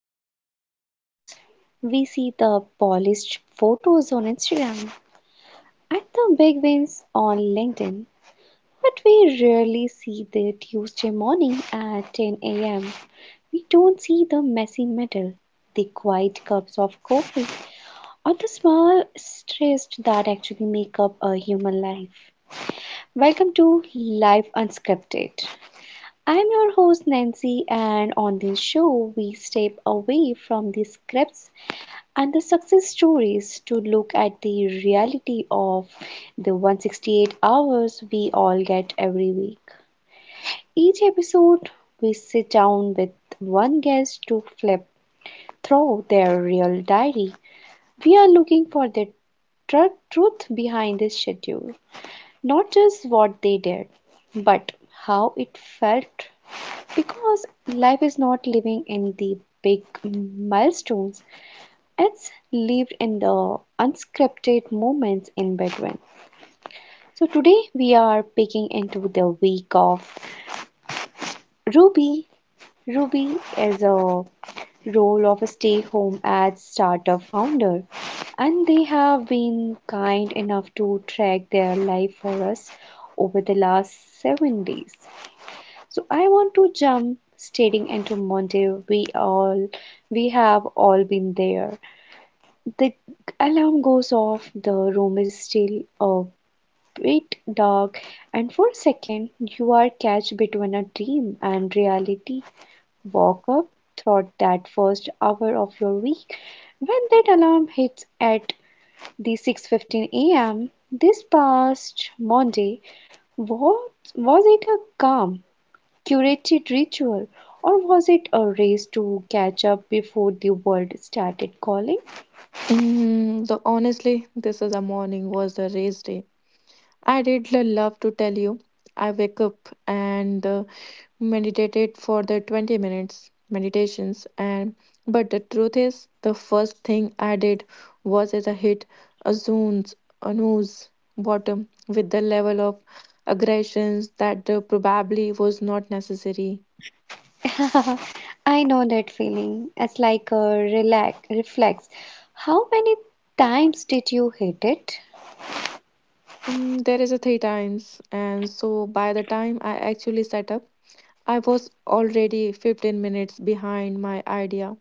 the highlight reels. We see the polished photos on Instagram and the big wins on LinkedIn. But we rarely see the Tuesday morning at 10 a.m. We don't see the messy middle, the quiet cups of coffee, or the small stress that actually make up a human life. Welcome to Life Unscripted. I'm your host Nancy, and on this show, we step away from the scripts and the success stories to look at the reality of the 168 hours we all get every week. Each episode, we sit down with one guest to flip through their real diary. We are looking for the truth behind this schedule, not just what they did, but how it felt. Because life is not living in the big milestones, it's lived in the unscripted moments in between. So today we are picking into the week of Ruby. Ruby is a role of a stay home ad startup founder and they have been kind enough to track their life for us over the last 7 days. So I want to jump stating into Monday. We have all been there. The alarm goes off, the room is still a bit dark, and for a second you are catch between a dream and reality. Walk up throughout that first hour of your week. When that alarm hits at the 6:15 a.m. this past Monday, what was it, a calm, curated ritual, or was it a race to catch up before the world started calling? Mm, the Honestly, this is a morning was the race day. I did love to tell you. I wake up and meditated for the 20 minutes meditations and but the truth is the first thing I did was is I hit a zone's a nose bottom with the level of aggressions that probably was not necessary. I know that feeling. It's like a relax, reflex. How many times did you hit it? There is a three times and so by the time I actually set up I was already 15 minutes behind my idea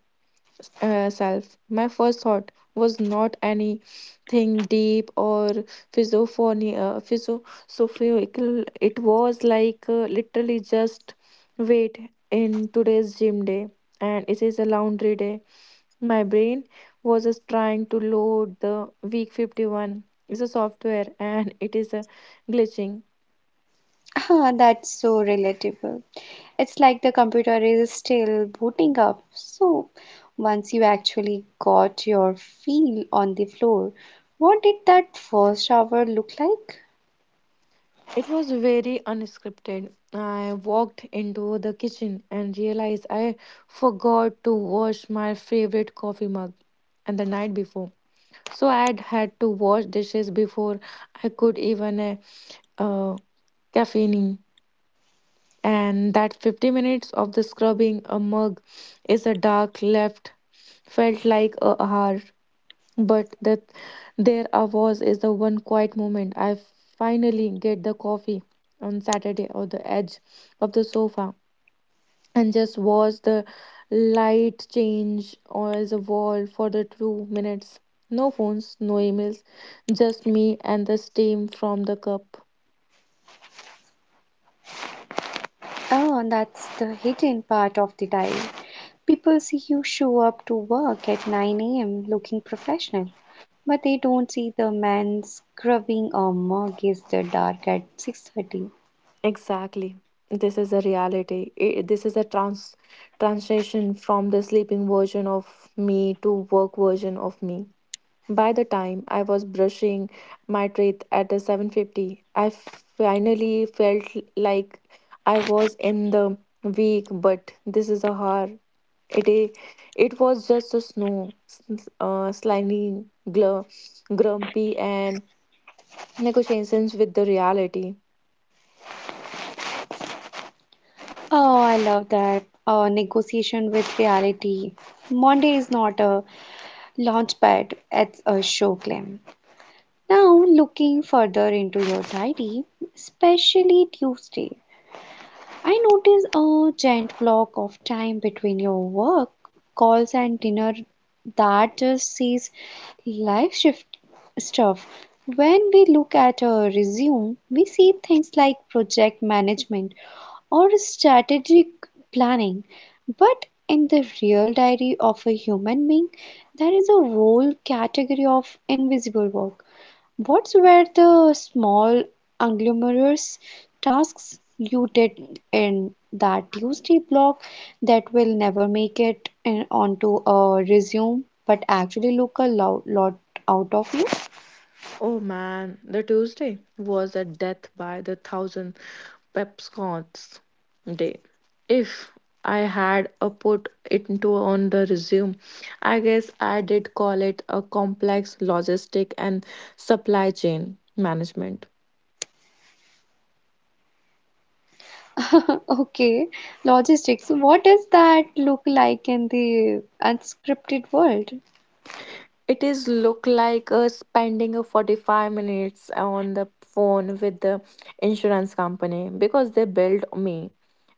self. My first thought was not anything deep or philosophical. It was like literally just wait in today's gym day and it is a laundry day. My brain was just trying to load the week 51. It's a software and it is a glitching. Ah, that's so relatable. It's like the computer is still booting up. So, once you actually got your feel on the floor, what did that first hour look like? It was very unscripted. I walked into the kitchen and realized I forgot to wash my favorite coffee mug and the night before. So I had had to wash dishes before I could even uh, caffeine. And that 50 minutes of the scrubbing a mug is a dark left felt like a hour. But that there I was is the one quiet moment I finally get the coffee on Saturday on the edge of the sofa and just watch the light change on the wall for the 2 minutes. No phones, no emails, just me and the steam from the cup. Oh, that's the hidden part of the dive. People see you show up to work at 9 a.m. looking professional, but they don't see the man scrubbing or mug is the dark at 6:30. Exactly. This is a reality. This is a translation from the sleeping version of me to work version of me. By the time I was brushing my teeth at the 7:50, I finally felt like I was in the week, but this is a horror. It i- it was just a snow, slimy, glur, grumpy, and negotiations with the reality. Oh, I love that. Negotiation with reality. Monday is not a launchpad, it's a show claim. Now, looking further into your diary, especially Tuesday, I notice a giant block of time between your work calls and dinner that just says life shift stuff. When we look at a resume, we see things like project management or strategic planning. But in the real diary of a human being, there is a whole category of invisible work. What were the small unglamorous tasks you did in that Tuesday block that will never make it in, onto a resume but actually look a lot out of you? Oh man, the Tuesday was a death by the thousand pepscots day. If I had a put it into on the resume, I guess I did call it a complex logistic and supply chain management. Okay, logistics. What does that look like in the unscripted world? It is look like spending a 45 minutes on the phone with the insurance company because they billed me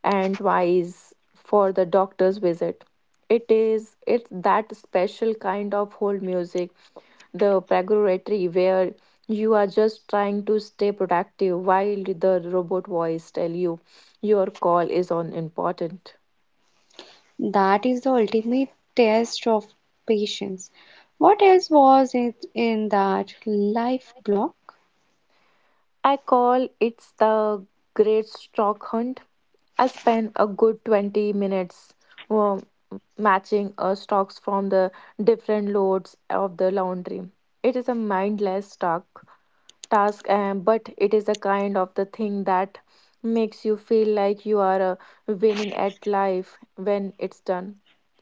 and twice for the doctor's visit. It's that special kind of hold music, the purgatory where you are just trying to stay productive while the robot voice tell you your call is on important. That is the ultimate test of patience. What else was it in that life block? I call it the great stock hunt. I spend a good 20 minutes um, matching stocks from the different loads of the laundry. It is a mindless task and but it is a kind of the thing that makes you feel like you are winning at life when it's done.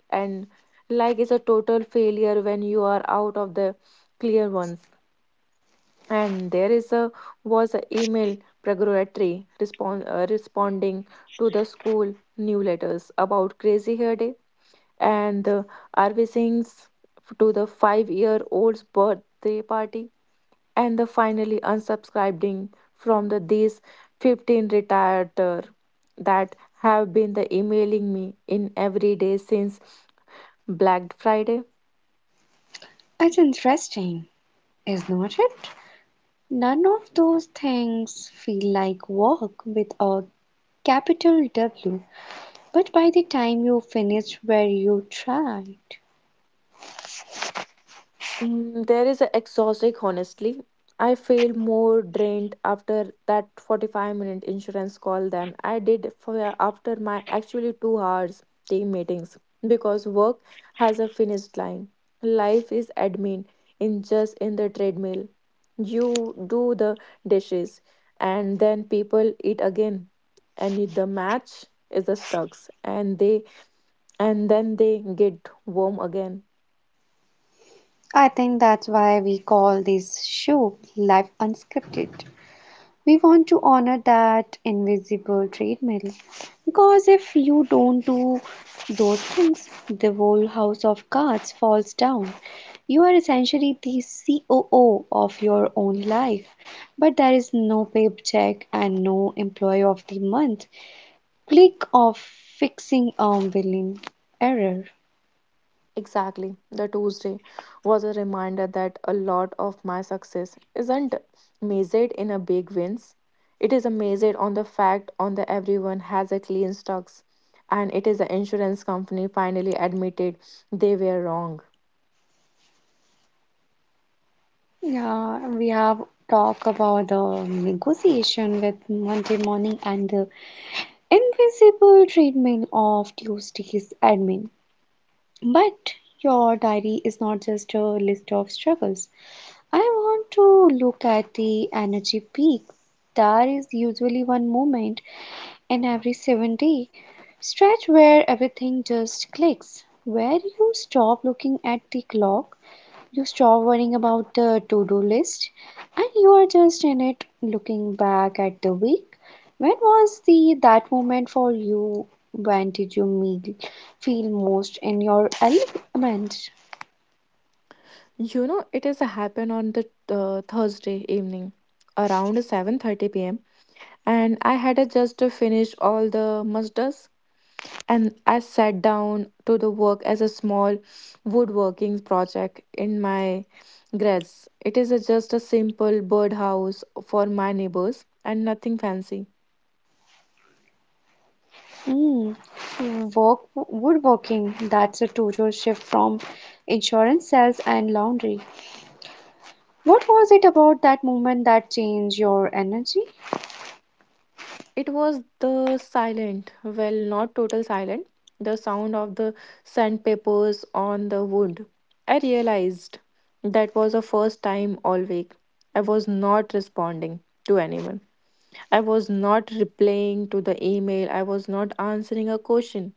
And like it's a total failure when you are out of the clear ones and there is a was a email preparatory responding to the school newsletters about crazy hair day and the rv singh's to the 5-year old's birthday party and the finally unsubscribing from the these 15 retired that have been the emailing me in every day since Black Friday. It's interesting, is not it? None of those things feel like work with a capital W, but by the time you finish where you tried, There is a exhausting, honestly. I feel more drained after that 45-minute insurance call than I did for after my actually 2 hours team meetings because work has a finished line. Life is admin in just in the treadmill. You do the dishes and then people eat again and the match is the stocks and they and then they get warm again. I think that's why we call this show Life Unscripted. We want to honor that invisible treadmill because if you don't do those things, the whole house of cards falls down. You are essentially the COO of your own life, but there is no paycheck and no employee of the month. Click of fixing a billing error. Exactly. The Tuesday was a reminder that a lot of my success isn't measured in a big wins. It is measured on the fact on the everyone has a clean stocks and it is the insurance company finally admitted they were wrong. Yeah, we have talked about the negotiation with Monday morning and the invisible treatment of Tuesday's admin. But your diary is not just a list of struggles. I want to look at the energy peak. There is usually one moment in every 7 day stretch where everything just clicks, where you stop looking at the clock, you stop worrying about the to do list and you are just in it looking back at the week. When was the that moment for you? When did you feel most in your element? It is happened on the Thursday evening around 7:30 p.m. and I had just finished all the musters and I sat down to the work as a small woodworking project in my grass. It is just a simple birdhouse for my neighbors and nothing fancy. Mm. Work, woodworking, that's a total shift from insurance sales and laundry. What was it about that moment that changed your energy? It was the silent, well, not total silent, the sound of the sandpapers on the wood. I realized that was the first time all week I was not responding to anyone. I was not replying to the email. I was not answering a question.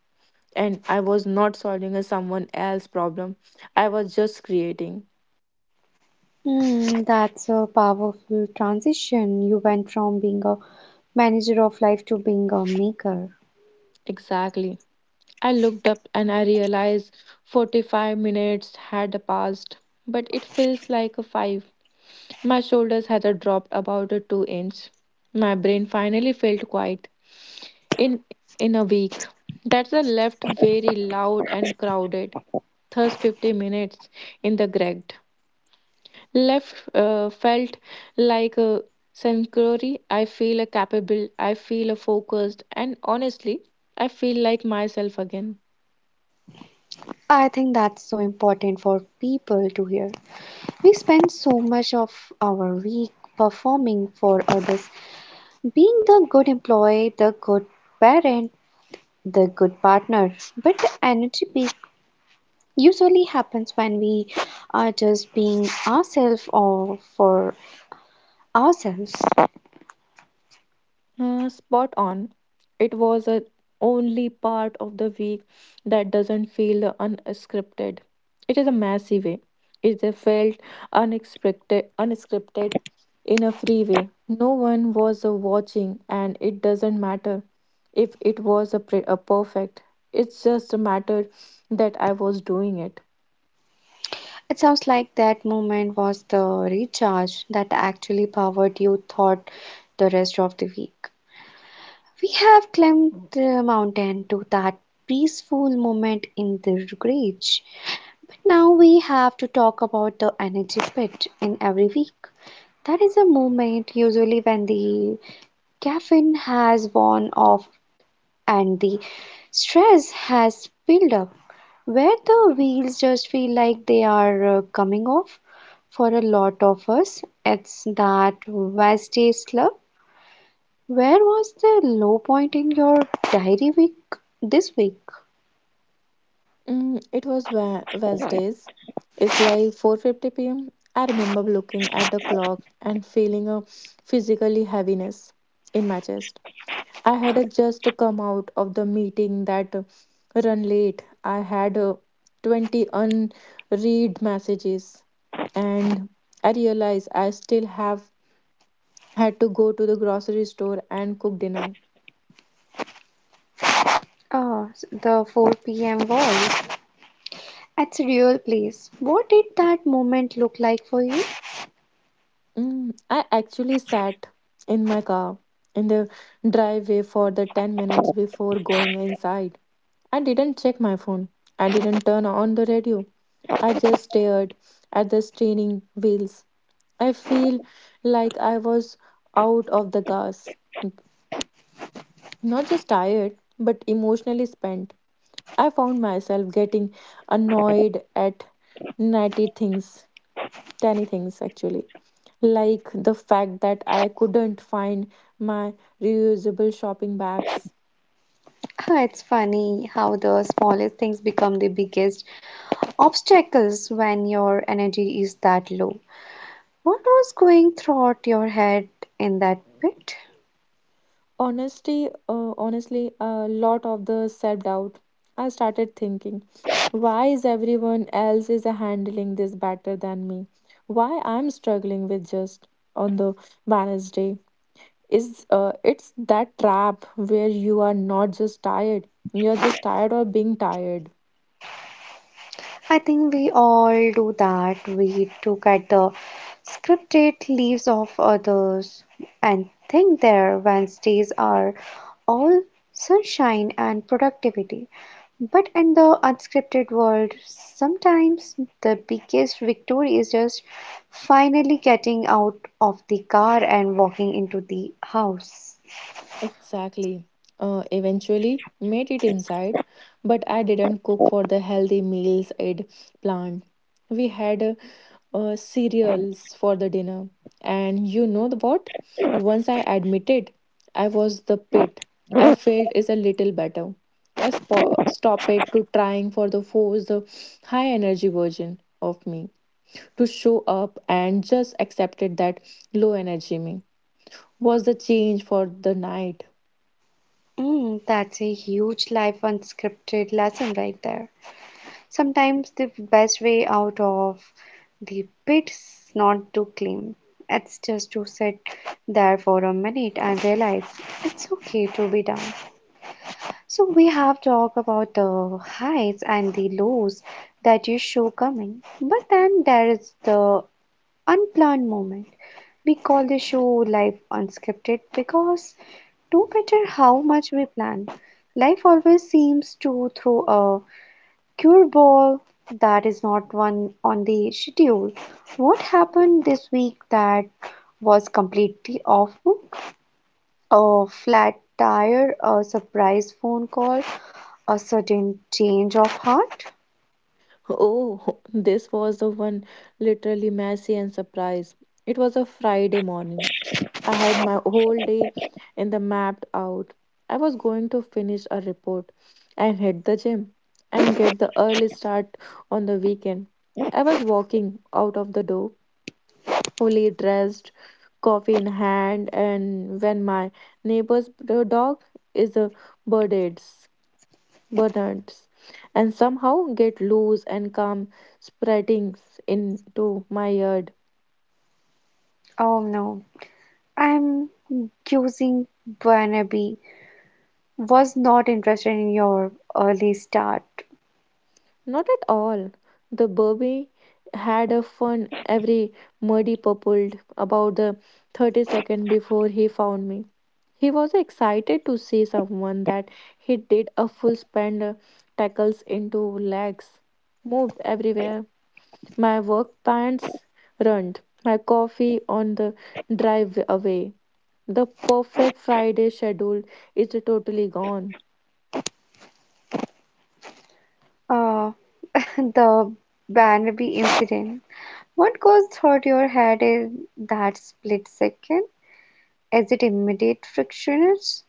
And I was not solving a someone else's problem. I was just creating. Hmm, that's a powerful transition. You went from being a manager of life to being a maker. Exactly. I looked up and I realized 45 minutes had passed, but it feels like a 5. My shoulders had dropped about a 2 inch. My brain finally felt quiet in in a week. That's a left very loud and crowded. Thus 50 minutes in the Gregg. Left felt like a sanctuary. I feel a capable, I feel a focused, and honestly, I feel like myself again. I think that's so important for people to hear. We spend so much of our week performing for others, being the good employee, the good parent, the good partner. But the energy peak usually happens when we are just being ourselves or for ourselves. Spot on. It was a only part of the week that doesn't feel unscripted. It is a messy way. It is a felt unexpected, unscripted in a free way. No one was watching, and it doesn't matter if it was a perfect. It's just a matter that I was doing it. It sounds like that moment was the recharge that actually powered your thought the rest of the week. We have climbed the mountain to that peaceful moment in the gorge. Now we have to talk about the energy pit in every week. That is a moment usually when the caffeine has worn off and the stress has built up, where the wheels just feel like they are coming off. For a lot of us, it's that Wednesday slump. Where was the low point in your diary week this week? It was Wednesdays. It's like 4:50 p.m. I remember looking at the clock and feeling a physically heaviness in my chest. I had just come out of the meeting that run late. I had 20 unread messages and I realized I still have had to go to the grocery store and cook dinner. Ah, the 4 p.m. voice. That's a real place. What did that moment look like for you? I actually sat in my car in the driveway for the 10 minutes before going inside. I didn't check my phone. I didn't turn on the radio. I just stared at the straining wheels. I feel like I was out of the gas. Not just tired, but emotionally spent. I found myself getting annoyed at natty things tiny things actually like the fact that I couldn't find my reusable shopping bags. Ah, it's funny how the smallest things become the biggest obstacles when your energy is that low. What was going through your head in that bit? Honestly, uh, honestly a lot of the self doubt. I started thinking, why is everyone else is handling this better than me? Why I'm struggling with just on the balance day is it's that trap where you are not just tired, you're just tired of being tired. I think we all do that. We look at the scripted lives of others and think their Wednesdays are all sunshine and productivity. But in the unscripted world, sometimes the biggest victory is just finally getting out of the car and walking into the house. Exactly. Eventually made it inside, but I didn't cook for the healthy meals I'd planned. We had cereals for the dinner, and you know the what? Once I admitted I was the pit, I felt is a little better. I stop it to trying for the force the high energy version of me to show up and just accepted that low energy me was the change for the night. Mm, that's a huge life unscripted lesson right there. Sometimes the best way out of the pit is not to climb. It's just to sit there for a minute and realize it's okay to be down. So we have talked about the highs and the lows that you show coming, but then there is the unplanned moment. We call the show life unscripted because no matter how much we plan, life always seems to throw a cure ball that is not one on the schedule. What happened this week that was completely off book? A flat tire, a surprise phone call, a sudden change of heart? Oh, this was the one literally messy and surprise. It was a Friday morning. I had my whole day in the mapped out. I was going to finish a report and hit the gym and get the early start on the weekend. I was walking out of the door, fully dressed, coffee in hand, and when my neighbor's dog is a birded burners, and somehow get loose and come spreading into my yard. Oh no, I'm using wannabe. Was not interested in your early start. Not at all. The Burby had a fun every muddy purpled about the 30 second before he found me. He was excited to see someone that he did a full spend tackles into legs, moved everywhere my work pants ruined, my coffee on the drive away. The perfect Friday schedule is totally gone. Uh, the Barnaby incident. What goes through your head in that split second? Is it immediate frictionless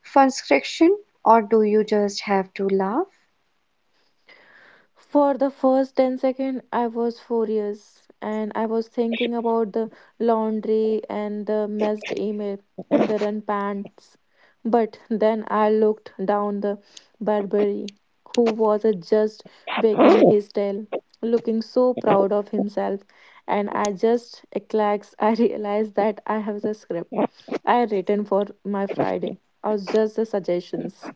frustration, or do you just have to laugh? For the first 10 seconds, I was furious and I was thinking about the laundry and the messed email and the run pants. But then I looked down the Burberry, who was just wagging his tail, looking so proud of himself. And I just eclax, I realized that I have the script I had written for my Friday. I was just the suggestions.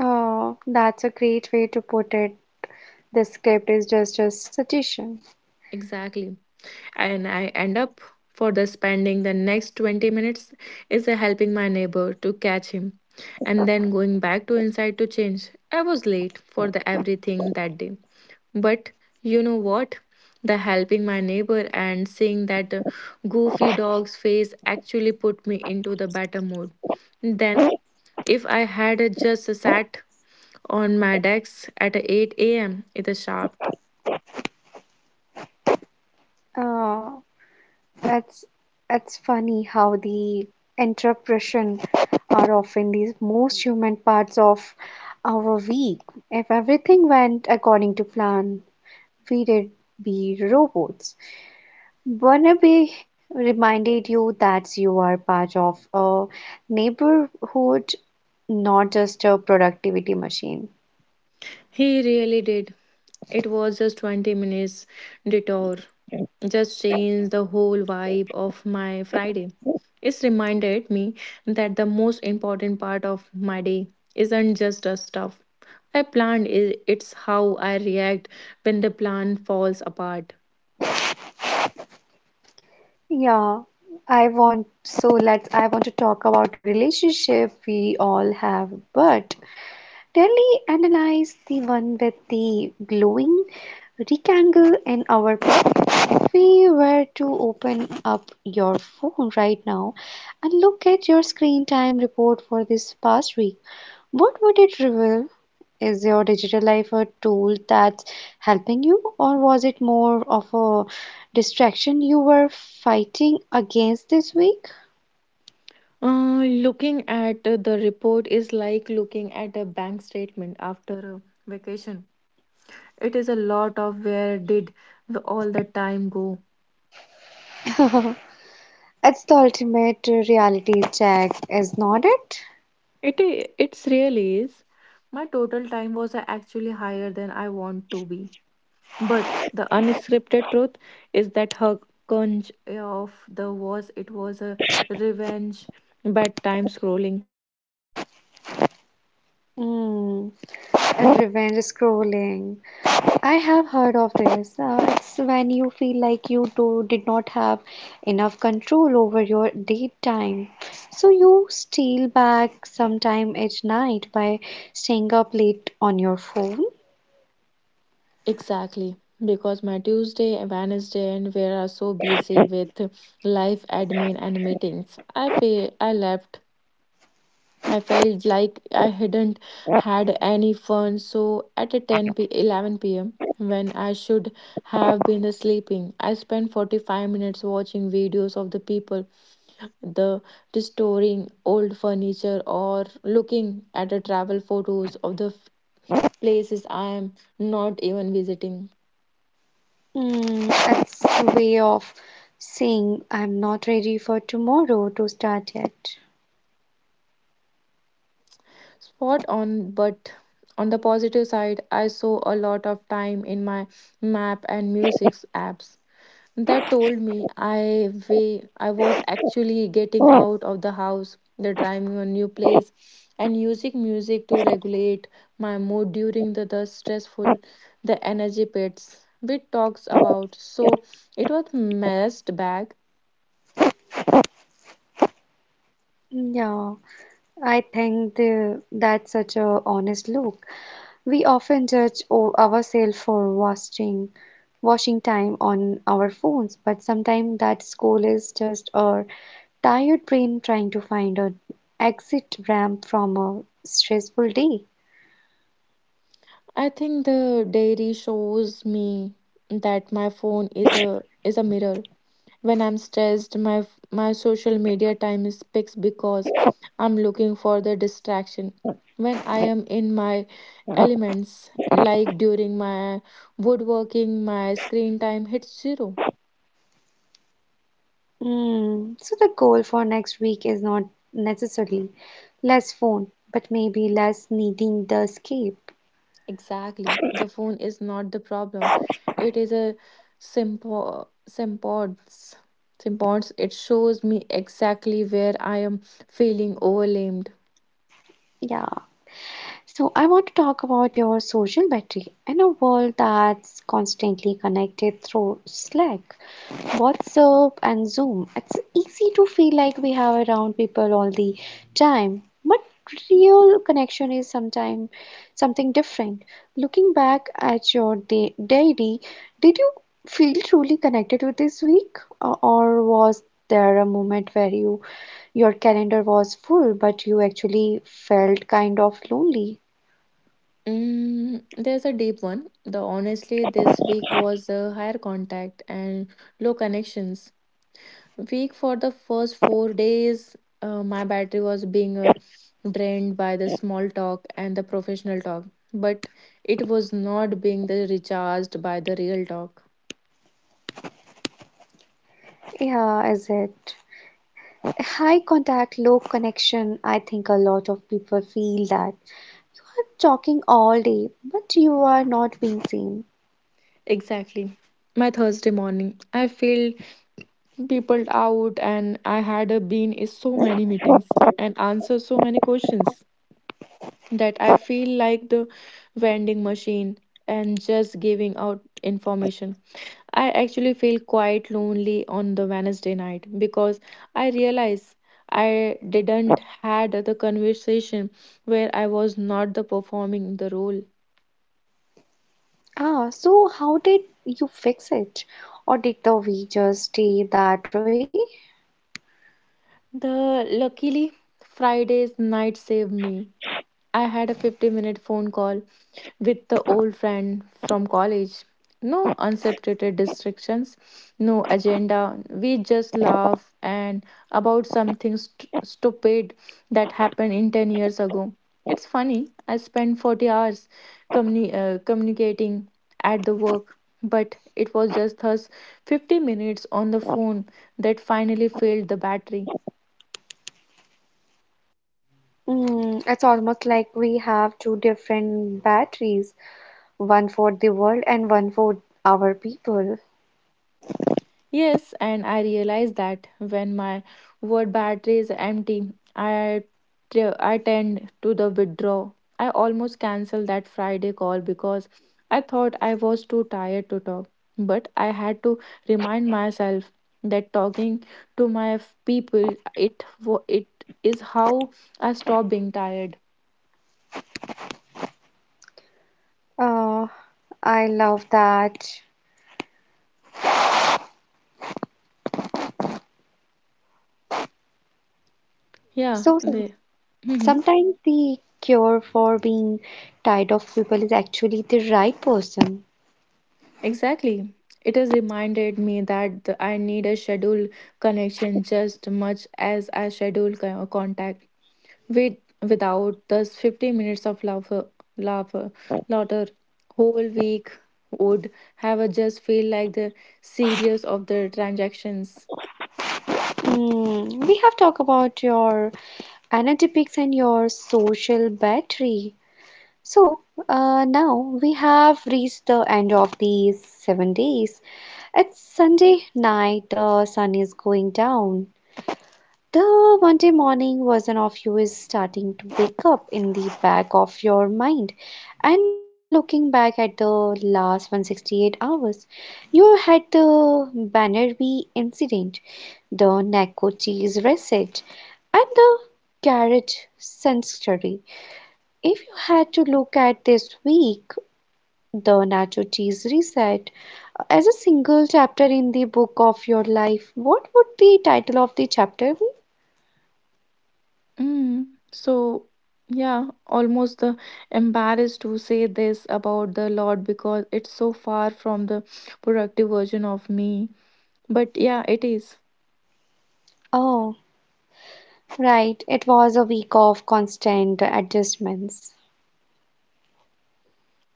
Oh, that's a great way to put it. The script is just a suggestion. Exactly. And I end up for the spending the next 20 minutes is a helping my neighbor to catch him and then going back to inside to change. I was late for the everything that day. But you know what? The helping my neighbor and seeing that goofy dog's face actually put me into the better mood. Then, if I had just sat on my desk at 8 a.m., it is sharp. Uh, that's that's funny how the interpretation are often the most human parts of our week. If everything went according to plan, we would be robots. Burnaby reminded you that you are part of a neighborhood, not just a productivity machine. He really did. It was just 20 minutes detour, just changed the whole vibe of my Friday. It's reminded me that the most important part of my day isn't just the stuff I planned, it's how I react when the plan falls apart. Yeah, I want to talk about the relationship we all have, but really analyze the one with the glowing rectangle in our pocket. If we were to open up your phone right now and look at your screen time report for this past week, what would it reveal? Is your digital life a tool that's helping you, or was it more of a distraction you were fighting against this week? Looking at the report is like looking at a bank statement after a vacation. It is a lot of where did all the time go. It's the ultimate reality check, is not it? It's really is. My total time was actually higher than I want to be. But the unscripted truth is that her conch of the was it was a revenge bedtime scrolling. Mm, revenge scrolling. I have heard of this. It's when you feel like did not have enough control over your date time. So you steal back some time at night by staying up late on your phone. Exactly. Because my Tuesday and Wednesday and we are so busy with life admin and meetings. I felt like I hadn't had any fun. So at 10 p 11 p.m., when I should have been sleeping, I spent 45 minutes watching videos of the people, the restoring old furniture, or looking at the travel photos of places I am not even visiting. Mm, that's a way of saying I'm not ready for tomorrow to start yet. Spot on, but on the positive side, I saw a lot of time in my map and music apps. That told me I way I was actually getting out of the house, the driving a new place, and using music to regulate my mood during the stressful, the energy pits bit talks about. So it was messed back. Yeah, I think that's such a honest look. We often judge ourselves for wasting washing time on our phones, but sometimes that scroll is just our tired brain trying to find an exit ramp from a stressful day. I think the diary shows me that my phone is a mirror. When I'm stressed, my social media time is picks because I'm looking for the distraction. When I am in my elements, like during my woodworking, my screen time hits zero. Mm, so the goal for next week is not necessarily less phone, but maybe less needing the escape. Exactly, the phone is not the problem. It is a simple sympods. It shows me exactly where I am feeling overwhelmed. Yeah. So I want to talk about your social battery in a world that's constantly connected through Slack, WhatsApp and Zoom. It's easy to feel like we have around people all the time, but real connection is sometime something different. Looking back at your day, daily, did you feel truly connected with this week, or was there a moment where your calendar was full, but you actually felt kind of lonely? Mm, there's a deep one. The honestly, this week was a higher contact and low connections. Week for the first 4 days, my battery was being drained by the small talk and the professional talk, but it was not being the recharged by the real talk. Yeah, is it? High contact, low connection. I think a lot of people feel that are talking all day, but you are not being seen. Exactly. My Thursday morning, I feel people out, and I had been in so many meetings and answer so many questions. That I feel like the vending machine and just giving out information. I actually feel quite lonely on the Wednesday night because I realize I didn't had the conversation where I was not the performing the role. Ah, so how did you fix it? Or did the we just stay that way? The luckily Fridays night saved me. I had a 50-minute phone call with the old friend from college. No unscripted distractions, no agenda. We just laugh and about stupid that happened in 10 years ago. It's funny. I spent 40 hours communicating at the work, but it was just us 50 minutes on the phone that finally failed the battery. Mm, it's almost like we have two different batteries, one for the world and one for our people. Yes, and I realize that when my word battery is empty, I tend to the withdraw. I almost canceled that Friday call because I thought I was too tired to talk. But I had to remind myself that talking to my people it is how I stop being tired. Uh, I love that. Yeah, So they. sometimes the cure for being tired of people is actually the right person. Exactly. It has reminded me that I need a scheduled connection just much as I schedule contact with. Without those 50 minutes of laughter, laughter whole week would have a just feel like the series of the transactions. Mm, we have talked about your Energetics and your social battery. So, now we have reached the end of these 7 days. It's Sunday night, the sun is going down. The Monday morning version of you is starting to wake up in the back of your mind, and you are looking back at the last 168 hours. You had the Bannerby incident, the nacho cheese recette, and the carrot sanctuary. If you had to look at this week, the nacho cheese recette, as a single chapter in the book of your life, what would the title of the chapter be? Mm. So yeah, almost embarrassed to say this about the Lord because it's so far from the productive version of me. But yeah, it is. Oh, right. It was a week of constant adjustments.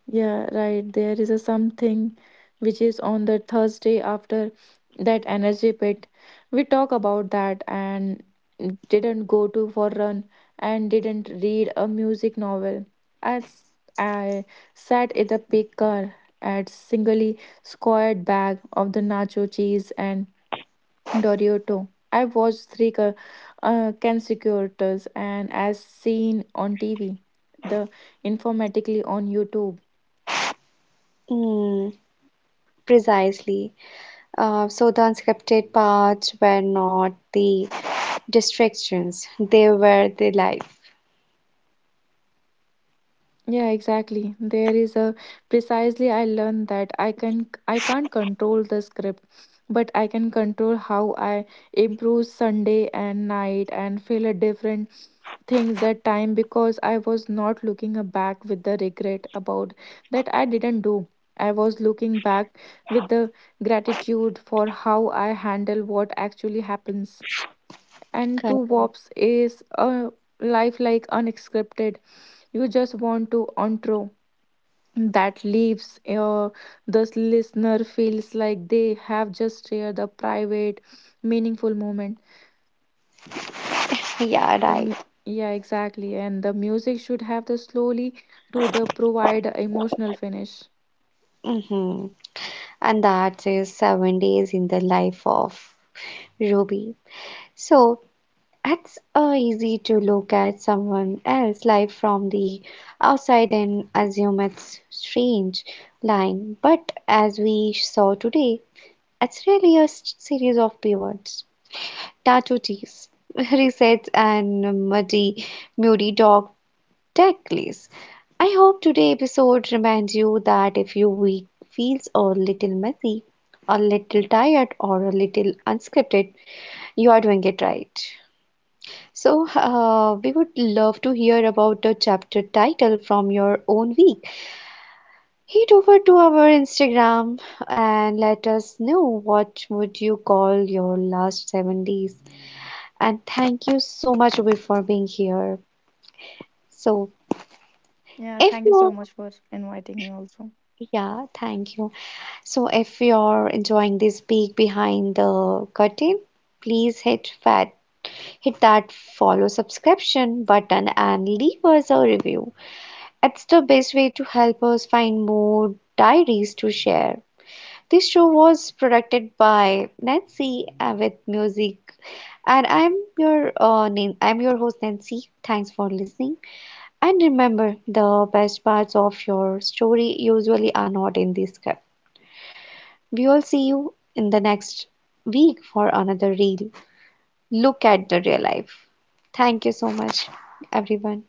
Yeah, right. There is a something which is on the Thursday after that energy pit. We talk about that and didn't go to for run and didn't read a music novel. As I sat in the big car at singly squared bag of the nacho cheese and Dorito. I watched three consecutive and as seen on TV, the informatically on YouTube. Mm, precisely. So the unscripted parts were not the distractions, they were the life. Yeah, exactly. There is a precisely I learned that I can't control the script, but I can control how I improve Sunday and night and feel a different things that time because I was not looking back with the regret about that I didn't do. I was looking back with the gratitude for how I handle what actually happens. And two Correct. wops is a life like unscripted. You just want to intro that leaves the listener feels like they have just shared a private meaningful moment. Yeah, the right. mu- yeah, exactly, and the music should have the slowly to the provide emotional finish. Hmm. And that is 7 days in the life of Ruby. So it's easy to look at someone else's life from the outside and assume it's strange, lying. But as we saw today, it's really a series of pivots, tattoo teas, resets, and muddy, moody dog tech. I hope today's episode reminds you that if your week feels a little messy, a little tired, or a little unscripted, you are doing it right. So, we would love to hear about the chapter title from your own week. Head over to our Instagram and let us know what would you call your last 7 days. And thank you so much Ruby, for being here. So, Yeah, if thank you so you, much for inviting me also. yeah, thank you. So if you're enjoying this peek behind the curtain, please hit that follow subscription button and leave us a review. It's the best way to help us find more diaries to share. This show was produced by Nancy with music and I'm your host Nancy. Thanks for listening. And remember the best parts of your story usually are not in this script. We all see you in the next week for another real look at the real life. Thank you so much, everyone.